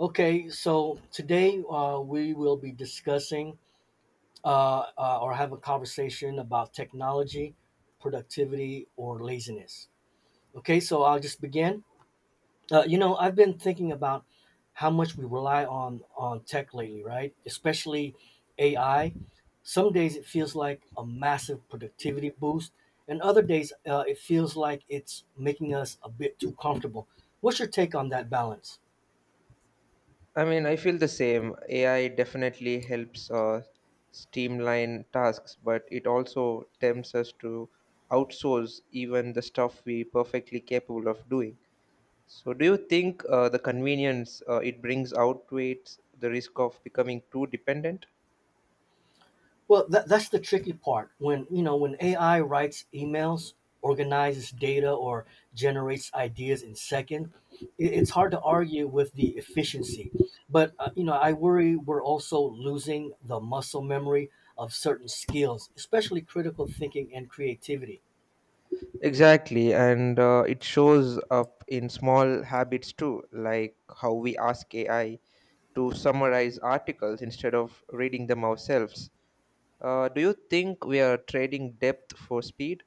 Okay, so today we will be discussing or have a conversation about technology, productivity, or laziness. Okay, so I'll just begin. You know, I've been thinking about how much we rely on tech lately, right? Especially AI. Some days it feels like a massive productivity boost, and other days it feels like it's making us a bit too comfortable. What's your take on that balance? I mean, I feel the same. AI definitely helps, streamline tasks, but it also tempts us to outsource even the stuff we perfectly capable of doing. So, do you think the convenience it brings outweighs the risk of becoming too dependent? Well, that's the tricky part. When you know when AI writes emails, organizes data, or generates ideas in second, it's hard to argue with the efficiency. But you know, I worry we're also losing the muscle memory of certain skills, especially critical thinking and creativity. Exactly, and it shows up in small habits too, like how we ask AI to summarize articles instead of reading them ourselves. Do you think we are trading depth for speed?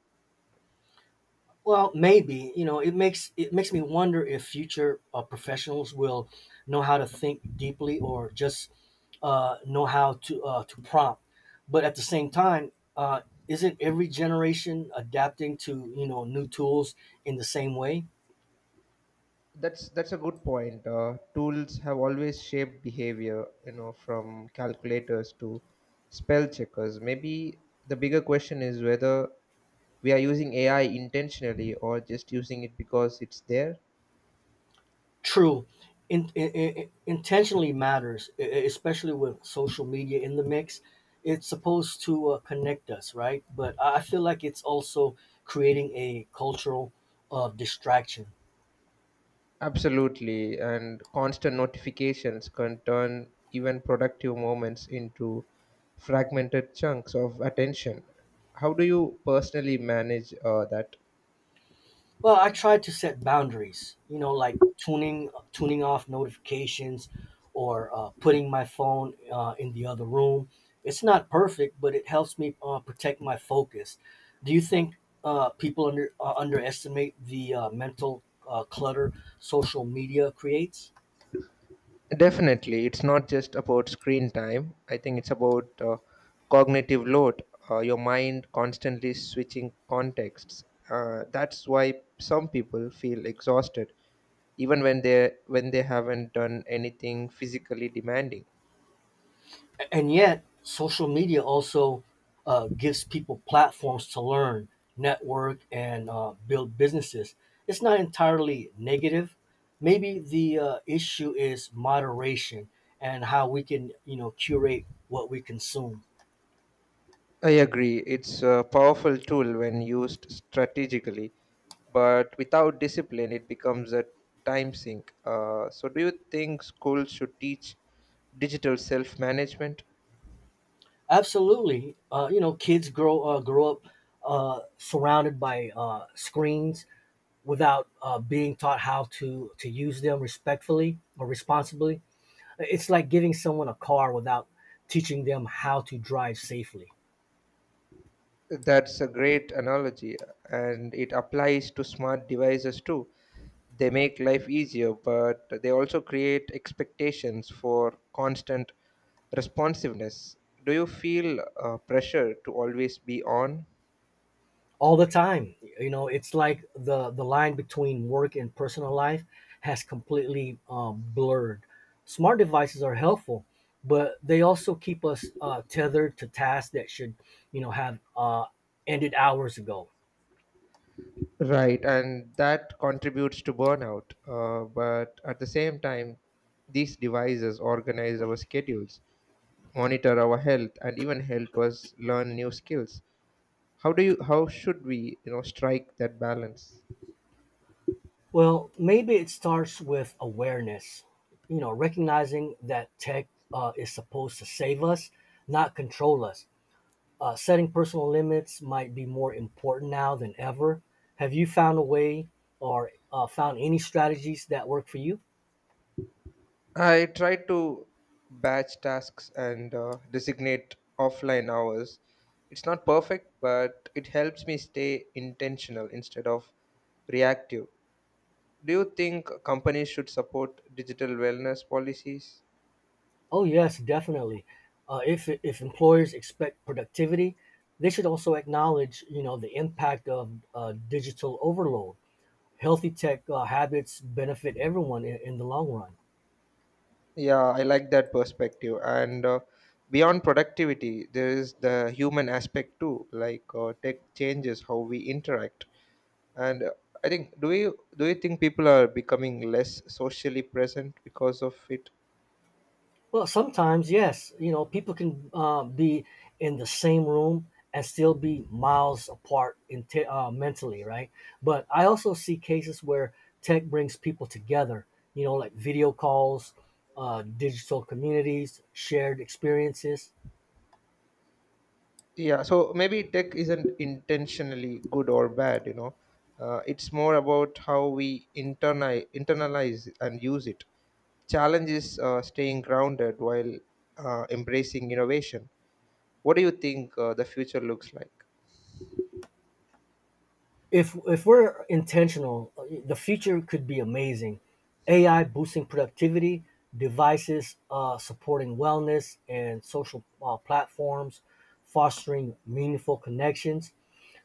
Well, maybe you know it makes me wonder if future professionals will know how to think deeply or just know how to prompt. But at the same time, isn't every generation adapting to you know new tools in the same way? That's a good point. Tools have always shaped behavior, you know, from calculators to spell checkers. Maybe the bigger question is whether we are using AI intentionally or just using it because it's there. True, intentionally matters, especially with social media in the mix. It's supposed to connect us, right? But I feel like it's also creating a cultural of distraction. Absolutely, and constant notifications can turn even productive moments into fragmented chunks of attention. How do you personally manage that? Well, I try to set boundaries, you know, like tuning off notifications or putting my phone in the other room. It's not perfect, but it helps me protect my focus. Do you think people underestimate the mental clutter social media creates? Definitely, it's not just about screen time. I think it's about cognitive load, your mind constantly switching contexts. That's why some people feel exhausted, even when they haven't done anything physically demanding. And yet social media also gives people platforms to learn network and build businesses. It's not entirely negative. Maybe the issue is moderation and how we can you know curate what we consume. I agree. It's a powerful tool when used strategically, but without discipline, it becomes a time sink. So, do you think schools should teach digital self management? Absolutely. You know, kids grow up surrounded by screens without being taught how to use them respectfully or responsibly. It's like giving someone a car without teaching them how to drive safely. That's a great analogy, and it applies to smart devices too. They make life easier, but they also create expectations for constant responsiveness. Do you feel pressure to always be on? All the time. You know, it's like the line between work and personal life has completely blurred. Smart devices are helpful, but they also keep us tethered to tasks that should, you know, have ended hours ago. Right, and that contributes to burnout. But at the same time, these devices organize our schedules, monitor our health, and even help us learn new skills. How should we, you know, strike that balance? Well, maybe it starts with awareness. You know, recognizing that tech is supposed to save us, not control us. Setting personal limits might be more important now than ever. Have you found a way or found any strategies that work for you? I try to batch tasks and designate offline hours. It's not perfect, but it helps me stay intentional instead of reactive. Do you think companies should support digital wellness policies? Oh, yes, definitely. If if, employers expect productivity, they should also acknowledge, you know, the impact of digital overload. Healthy tech habits benefit everyone in the long run. Yeah, I like that perspective. And beyond productivity, there is the human aspect too, like tech changes how we interact. And I think do you think people are becoming less socially present because of it? Well, sometimes, yes, you know, people can be in the same room and still be miles apart mentally, right? But I also see cases where tech brings people together, you know, like video calls, digital communities, shared experiences. Yeah, so maybe tech isn't intentionally good or bad, you know. It's more about how we internalize and use it. Challenge is staying grounded while embracing innovation. What do you think the future looks like? If we're intentional, the future could be amazing. AI boosting productivity, devices supporting wellness and social platforms, fostering meaningful connections.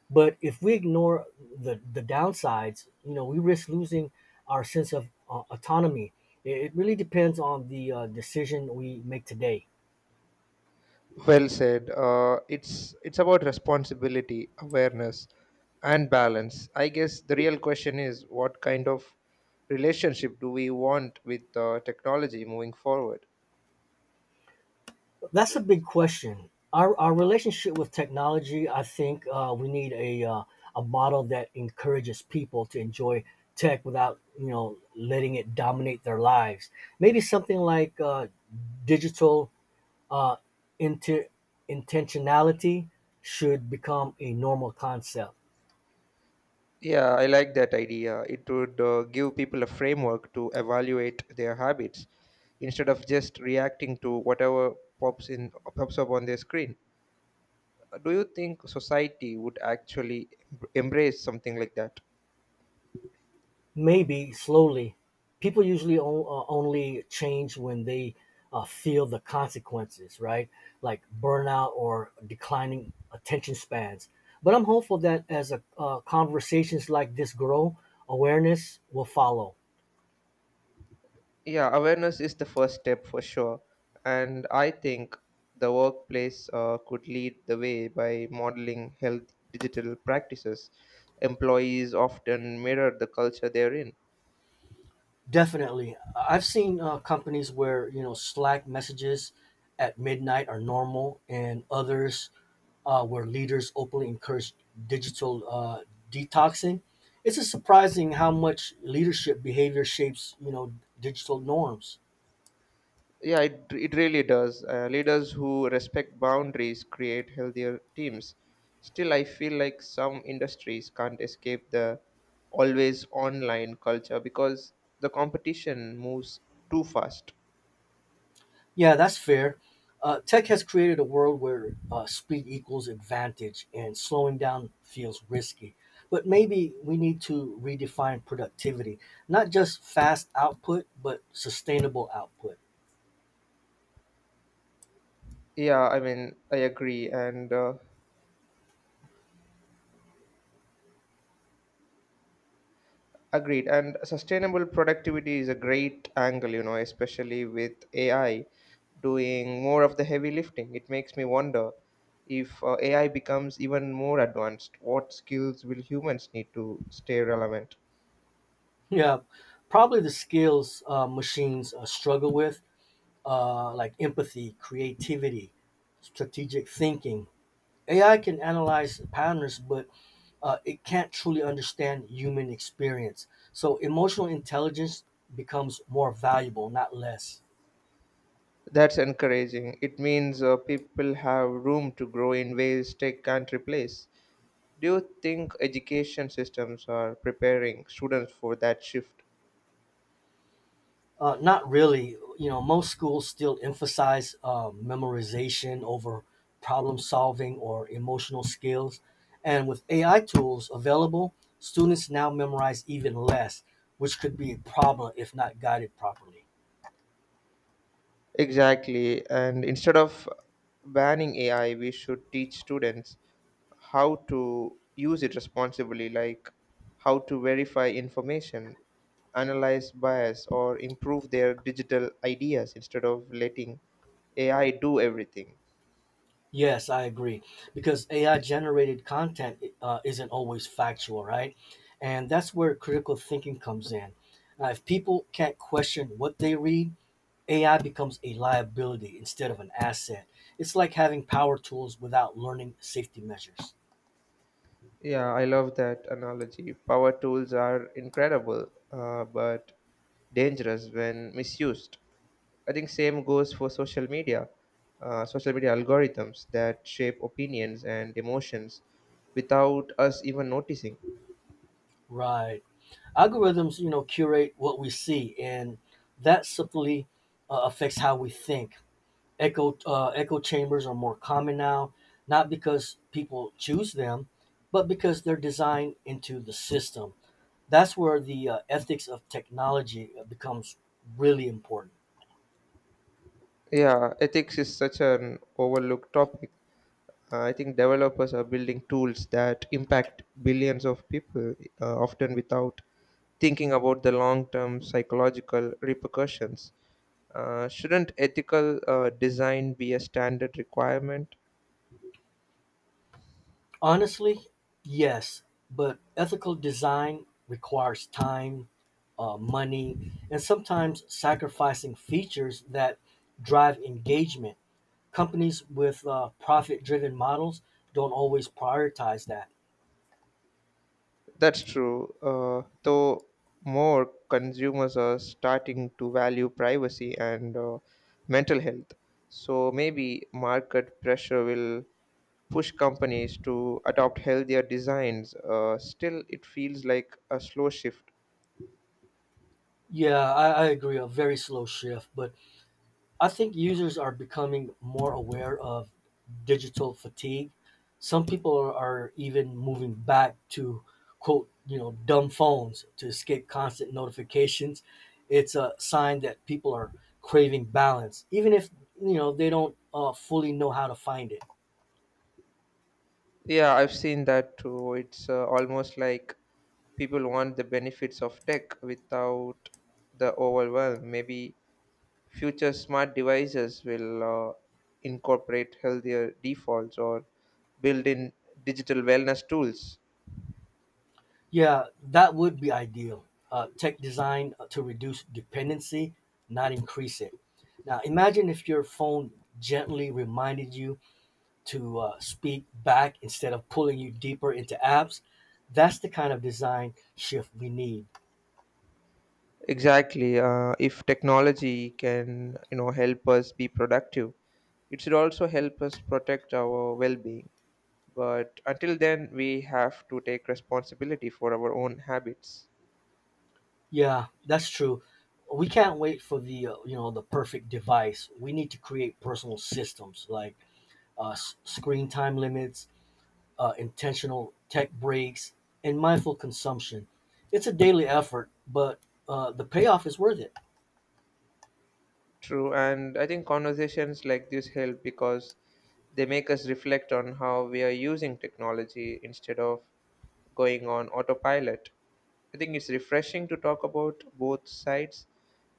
But if we ignore the downsides, you know, we risk losing our sense of autonomy. It really depends on the decision we make today. Well said. It's about responsibility, awareness, and balance. I guess the real question is, what kind of relationship do we want with technology moving forward? That's a big question. Our relationship with technology, I think, we need a model that encourages people to enjoy tech without you know letting it dominate their lives. Maybe something like digital uh, inter- intentionality should become a normal concept. Yeah, I like that idea. It would give people a framework to evaluate their habits instead of just reacting to whatever pops up on their screen. Do you think society would actually embrace something like that? Maybe slowly. People usually only change when they feel the consequences, right? Like burnout or declining attention spans. But I'm hopeful that as conversations like this grow, awareness will follow. Yeah, awareness is the first step for sure. And I think the workplace could lead the way by modeling health digital practices. Employees often mirror the culture they're in. Definitely. I've seen companies where, you know, Slack messages at midnight are normal and others where leaders openly encourage digital detoxing. It's just surprising how much leadership behavior shapes, you know, digital norms. Yeah, it really does. Leaders who respect boundaries create healthier teams. Still, I feel like some industries can't escape the always online culture because the competition moves too fast. Yeah, that's fair. Tech has created a world where speed equals advantage and slowing down feels risky. But maybe we need to redefine productivity, not just fast output, but sustainable output. Yeah, I mean, I agree. And Agreed. And sustainable productivity is a great angle, you know, especially with AI doing more of the heavy lifting. It makes me wonder, if AI becomes even more advanced, what skills will humans need to stay relevant? Yeah, probably the skills machines struggle with, like empathy, creativity, strategic thinking. AI can analyze patterns, but it can't truly understand human experience. So emotional intelligence becomes more valuable, not less. That's encouraging. It means people have room to grow in ways tech can't replace. Do you think education systems are preparing students for that shift? Not really. You know, most schools still emphasize memorization over problem solving or emotional skills. And with AI tools available, students now memorize even less, which could be a problem if not guided properly. Exactly. And instead of banning AI, we should teach students how to use it responsibly, like how to verify information, analyze bias, or improve their digital ideas instead of letting AI do everything. Yes, I agree. Because AI generated content isn't always factual, right? And that's where critical thinking comes in. Now, if people can't question what they read, AI becomes a liability instead of an asset. It's like having power tools without learning safety measures. Yeah, I love that analogy. Power tools are incredible, but dangerous when misused. I think same goes for social media algorithms that shape opinions and emotions without us even noticing. Right. Algorithms, you know, curate what we see, and that simply affects how we think. Echo chambers are more common now, not because people choose them, but because they're designed into the system. That's where the ethics of technology becomes really important. Yeah, ethics is such an overlooked topic. I think developers are building tools that impact billions of people, often without thinking about the long term psychological repercussions. Shouldn't ethical design be a standard requirement? Honestly, yes, but ethical design requires time, money, and sometimes sacrificing features that drive engagement. Companies with profit driven models don't always prioritize that. That's true, though more consumers are starting to value privacy and mental health. So maybe market pressure will push companies to adopt healthier designs. Still, it feels like a slow shift. I agree. A very slow shift, but I think users are becoming more aware of digital fatigue. Some people are even moving back to quote, you know, dumb phones to escape constant notifications. It's a sign that people are craving balance, even if you know they don't fully know how to find it. Yeah, I've seen that too. It's almost like people want the benefits of tech without the overwhelm. Maybe future smart devices will incorporate healthier defaults or build in digital wellness tools. Yeah, that would be ideal. Tech design to reduce dependency, not increase it. Now, imagine if your phone gently reminded you to speak back instead of pulling you deeper into apps. That's the kind of design shift we need. Exactly. If technology can, you know, help us be productive, it should also help us protect our well-being. But until then, we have to take responsibility for our own habits. Yeah, that's true. We can't wait for the you know the perfect device. We need to create personal systems like screen time limits, intentional tech breaks, and mindful consumption. It's a daily effort, but the payoff is worth it. True, and I think conversations like this help because they make us reflect on how we are using technology instead of going on autopilot. I think it's refreshing to talk about both sides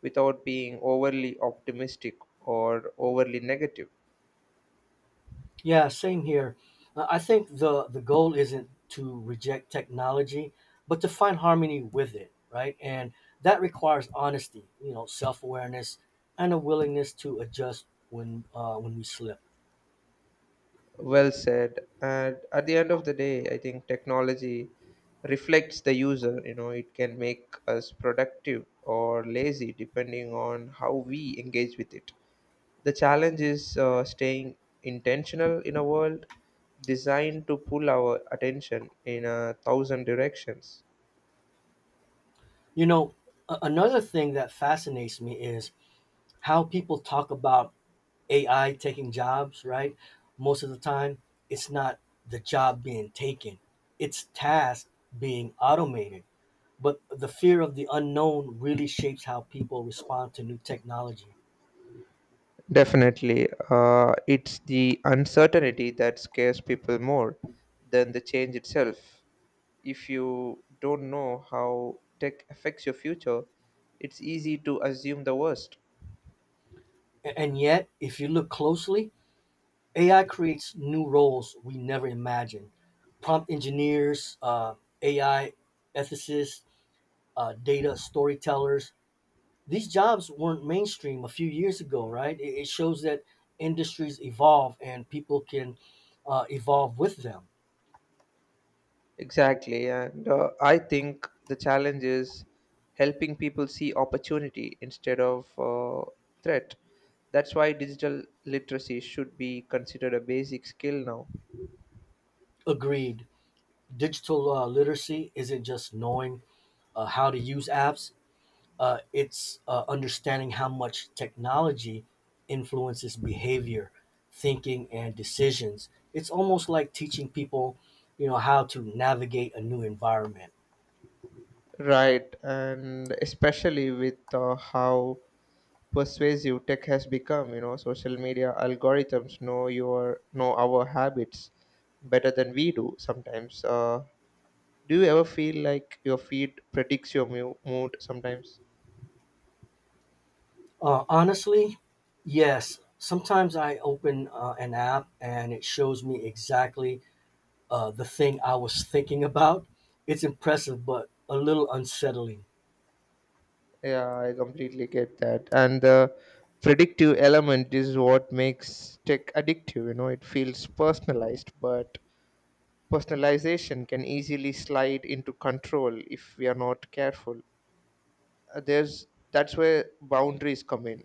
without being overly optimistic or overly negative. Yeah, same here. I think the goal isn't to reject technology, but to find harmony with it, right? And that requires honesty, you know, self awareness, and a willingness to adjust when we slip. Well said. And at the end of the day, I think technology reflects the user. You know, it can make us productive or lazy depending on how we engage with it. The challenge is staying intentional in a world designed to pull our attention in a thousand directions. You know, another thing that fascinates me is how people talk about AI taking jobs, right? Most of the time, it's not the job being taken, it's tasks being automated. But the fear of the unknown really shapes how people respond to new technology. Definitely. It's the uncertainty that scares people more than the change itself. If you don't know how tech affects your future, it's easy to assume the worst. And yet, if you look closely, AI creates new roles we never imagined. Prompt engineers, AI ethicists, data storytellers, these jobs weren't mainstream a few years ago, right? It shows that industries evolve and people can evolve with them. Exactly. And I think the challenge is helping people see opportunity instead of threat. That's why digital literacy should be considered a basic skill now. Agreed. Digital literacy isn't just knowing how to use apps, it's understanding how much technology influences behavior, thinking, and decisions. It's almost like teaching people, you know, how to navigate a new environment. Right. And especially with how persuasive tech has become. You know, social media algorithms know your know our habits better than we do sometimes. Do you ever feel like your feed predicts your mood sometimes? Honestly, yes. Sometimes I open an app and it shows me exactly the thing I was thinking about. It's impressive, but a little unsettling. Yeah, I completely get that. And the predictive element is what makes tech addictive. You know, it feels personalized, but personalization can easily slide into control if we are not careful. There's that's where boundaries come in.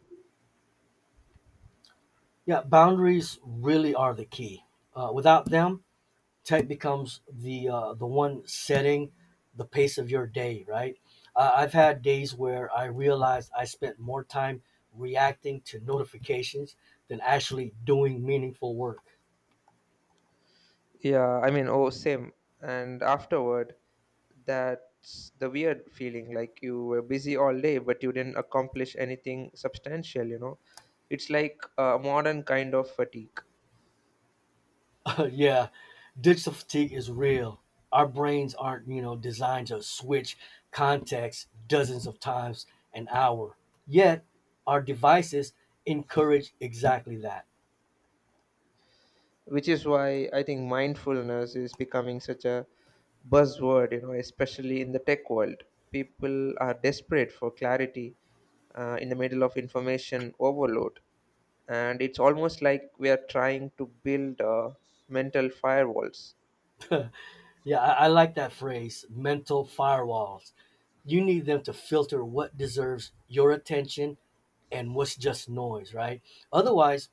Yeah, boundaries really are the key. Without them, tech becomes the one setting the pace of your day. Right? I've had days where I realized I spent more time reacting to notifications than actually doing meaningful work. Same. And afterward, that's the weird feeling, like you were busy all day, but you didn't accomplish anything substantial, you know? It's like a modern kind of fatigue, Yeah, digital fatigue is real. Our brains aren't, you know, designed to switch contexts dozens of times an hour. Yet, our devices encourage exactly that. which is why I think mindfulness is becoming such a buzzword, you know, especially in the tech world. People are desperate for clarity in the middle of information overload. And it's almost like we are trying to build mental firewalls. I like that phrase, mental firewalls. You need them to filter what deserves your attention and what's just noise, right? Otherwise,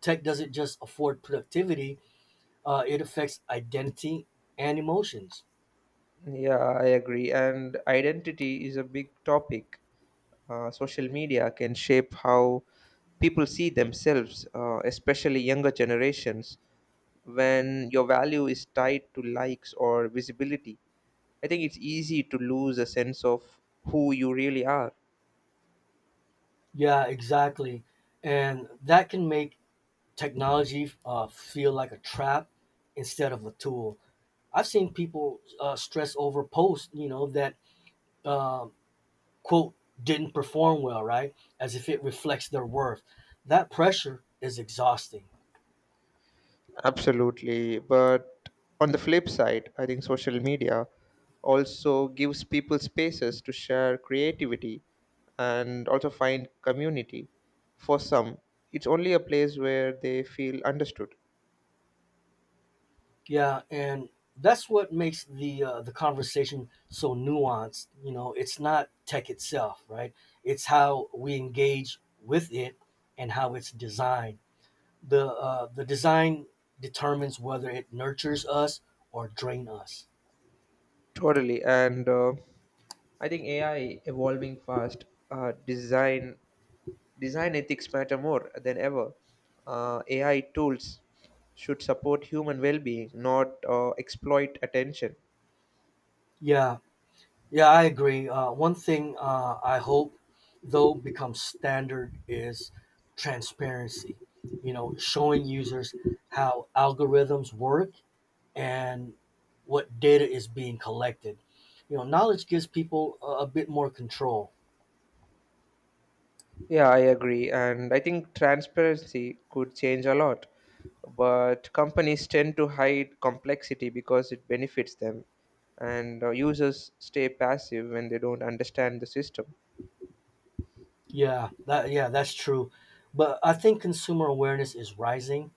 tech doesn't just afford productivity, it affects identity and emotions. Yeah, I agree. And identity is a big topic. Social media can shape how people see themselves, especially younger generations, when your value is tied to likes or visibility. I think it's easy to lose a sense of who you really are. Yeah, exactly. And that can make technology feel like a trap instead of a tool. I've seen people stress over posts, you know, that um, quote didn't perform well, right? As if it reflects their worth. That pressure is exhausting. Absolutely. But on the flip side, I think social media also gives people spaces to share creativity and also find community. For some, it's only a place where they feel understood. Yeah, and that's what makes the conversation so nuanced. You know, it's not tech itself, right? It's how we engage with it and how it's designed. The the design determines whether it nurtures us or drain us. Totally. And I think AI evolving fast, uh, design design ethics matter more than ever. AI tools should support human well-being, not exploit attention. Yeah, yeah, I agree. One thing I hope though becomes standard is transparency. You know, showing users how algorithms work and what data is being collected. You know, knowledge gives people a bit more control. Yeah, I agree. And I think transparency could change a lot. But companies tend to hide complexity because it benefits them, and users stay passive when they don't understand the system. Yeah, that's true. But I think consumer awareness is rising.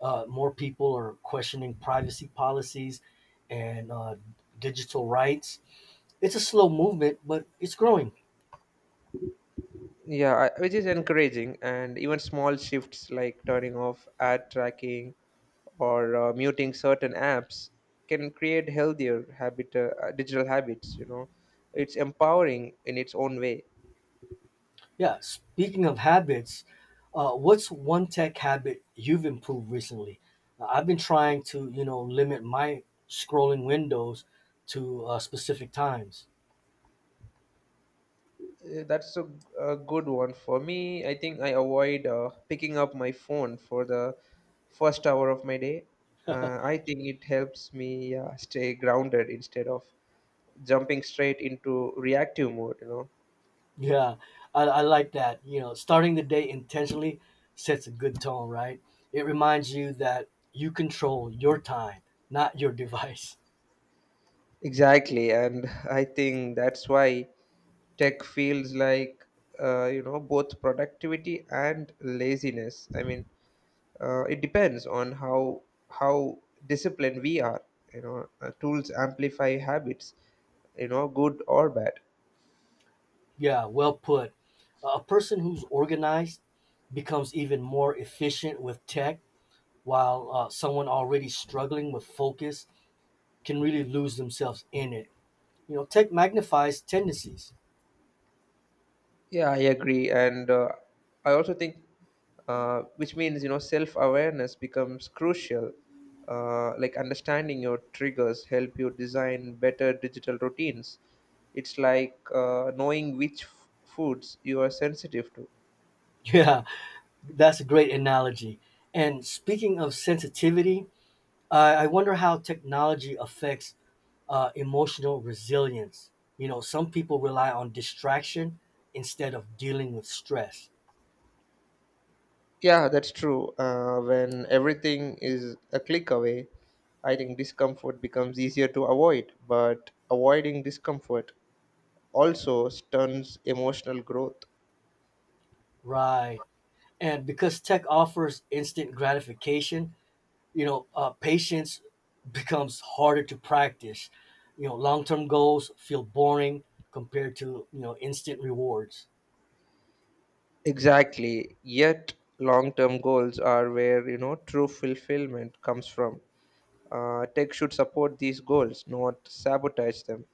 More people are questioning privacy policies and digital rights. It's a slow movement, but it's growing. Which is encouraging. And even small shifts, like turning off ad tracking or muting certain apps, can create healthier digital habits. You know, it's empowering in its own way. Yeah. Speaking of habits, what's one tech habit you've improved recently? I've been trying to, you know, limit my scrolling windows to specific times. That's a good one. For me, I think I avoid picking up my phone for the first hour of my day. I think it helps me stay grounded instead of jumping straight into reactive mode, you know. Yeah, I like that. You know, starting the day intentionally sets a good tone, right? It reminds you that you control your time, not your device. Exactly, and I think that's why tech feels like you know, both productivity and laziness. I mean, it depends on how disciplined we are. You know, tools amplify habits, you know, good or bad. Yeah, well put. A person who's organized becomes even more efficient with tech, while someone already struggling with focus can really lose themselves in it. You know, tech magnifies tendencies. Yeah, I agree. And I also think Which means, you know, self awareness becomes crucial. Like, understanding your triggers help you design better digital routines. It's like knowing which foods you are sensitive to. Yeah, that's a great analogy. And speaking of sensitivity, I wonder how technology affects emotional resilience. You know, some people rely on distraction instead of dealing with stress. Yeah, that's true. When everything is a click away, I think discomfort becomes easier to avoid, but avoiding discomfort also stunts emotional growth. Right. And because tech offers instant gratification, you know, patience becomes harder to practice. You know, long-term goals feel boring compared to you know instant rewards. Exactly. Yet, long term goals are where, you know, true fulfillment comes from. Tech should support these goals, not sabotage them.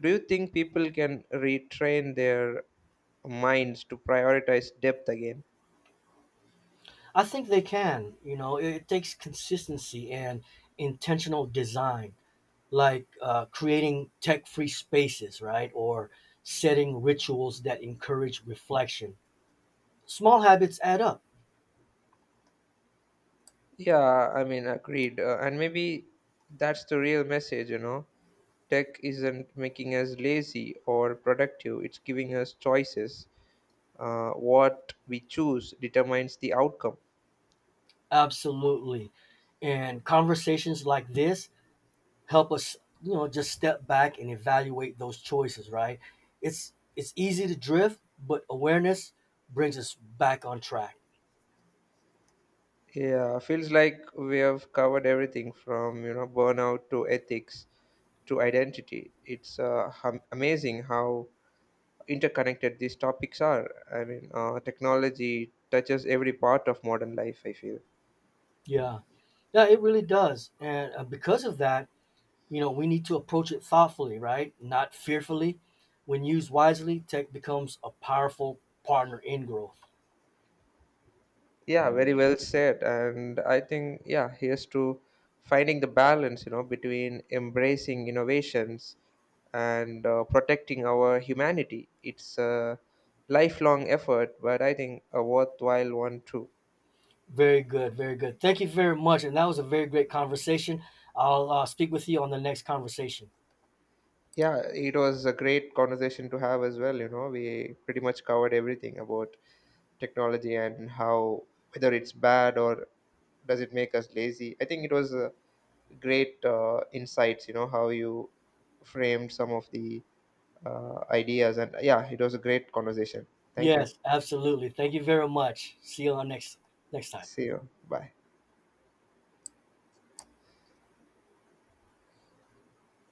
Do you think people can retrain their minds to prioritize depth again? I think they can. You know, it takes consistency and intentional design, like creating tech-free spaces, right, or setting rituals that encourage reflection. Small habits add up, Agreed. And maybe that's the real message, you know. Tech isn't making us lazy or productive, it's giving us choices. What we choose determines the outcome. absolutely, and conversations like this help us you know just step back and evaluate those choices, right? It's easy to drift, but awareness brings us back on track. Yeah, feels like we have covered everything, from, you know, burnout to ethics to identity. It's amazing how interconnected these topics are. I mean, technology touches every part of modern life, I feel. Yeah yeah it really does, and because of that you know we need to approach it thoughtfully, right, not fearfully. When used wisely, tech becomes a powerful partner in growth. Yeah, very well said. And I think, yeah, here's to finding the balance, you know, between embracing innovations and protecting our humanity. It's a lifelong effort, but I think a worthwhile one too. Very good, thank you very much, and that was a very great conversation. I'll speak with you on the next conversation. Yeah, it was a great conversation to have as well. You know, we pretty much covered everything about technology and how, whether it's bad or does it make us lazy. I think it was a great insights, you know, how you framed some of the ideas. And yeah, it was a great conversation. Thank you. Yes, absolutely, thank you very much. See you on next next time. See you. Bye.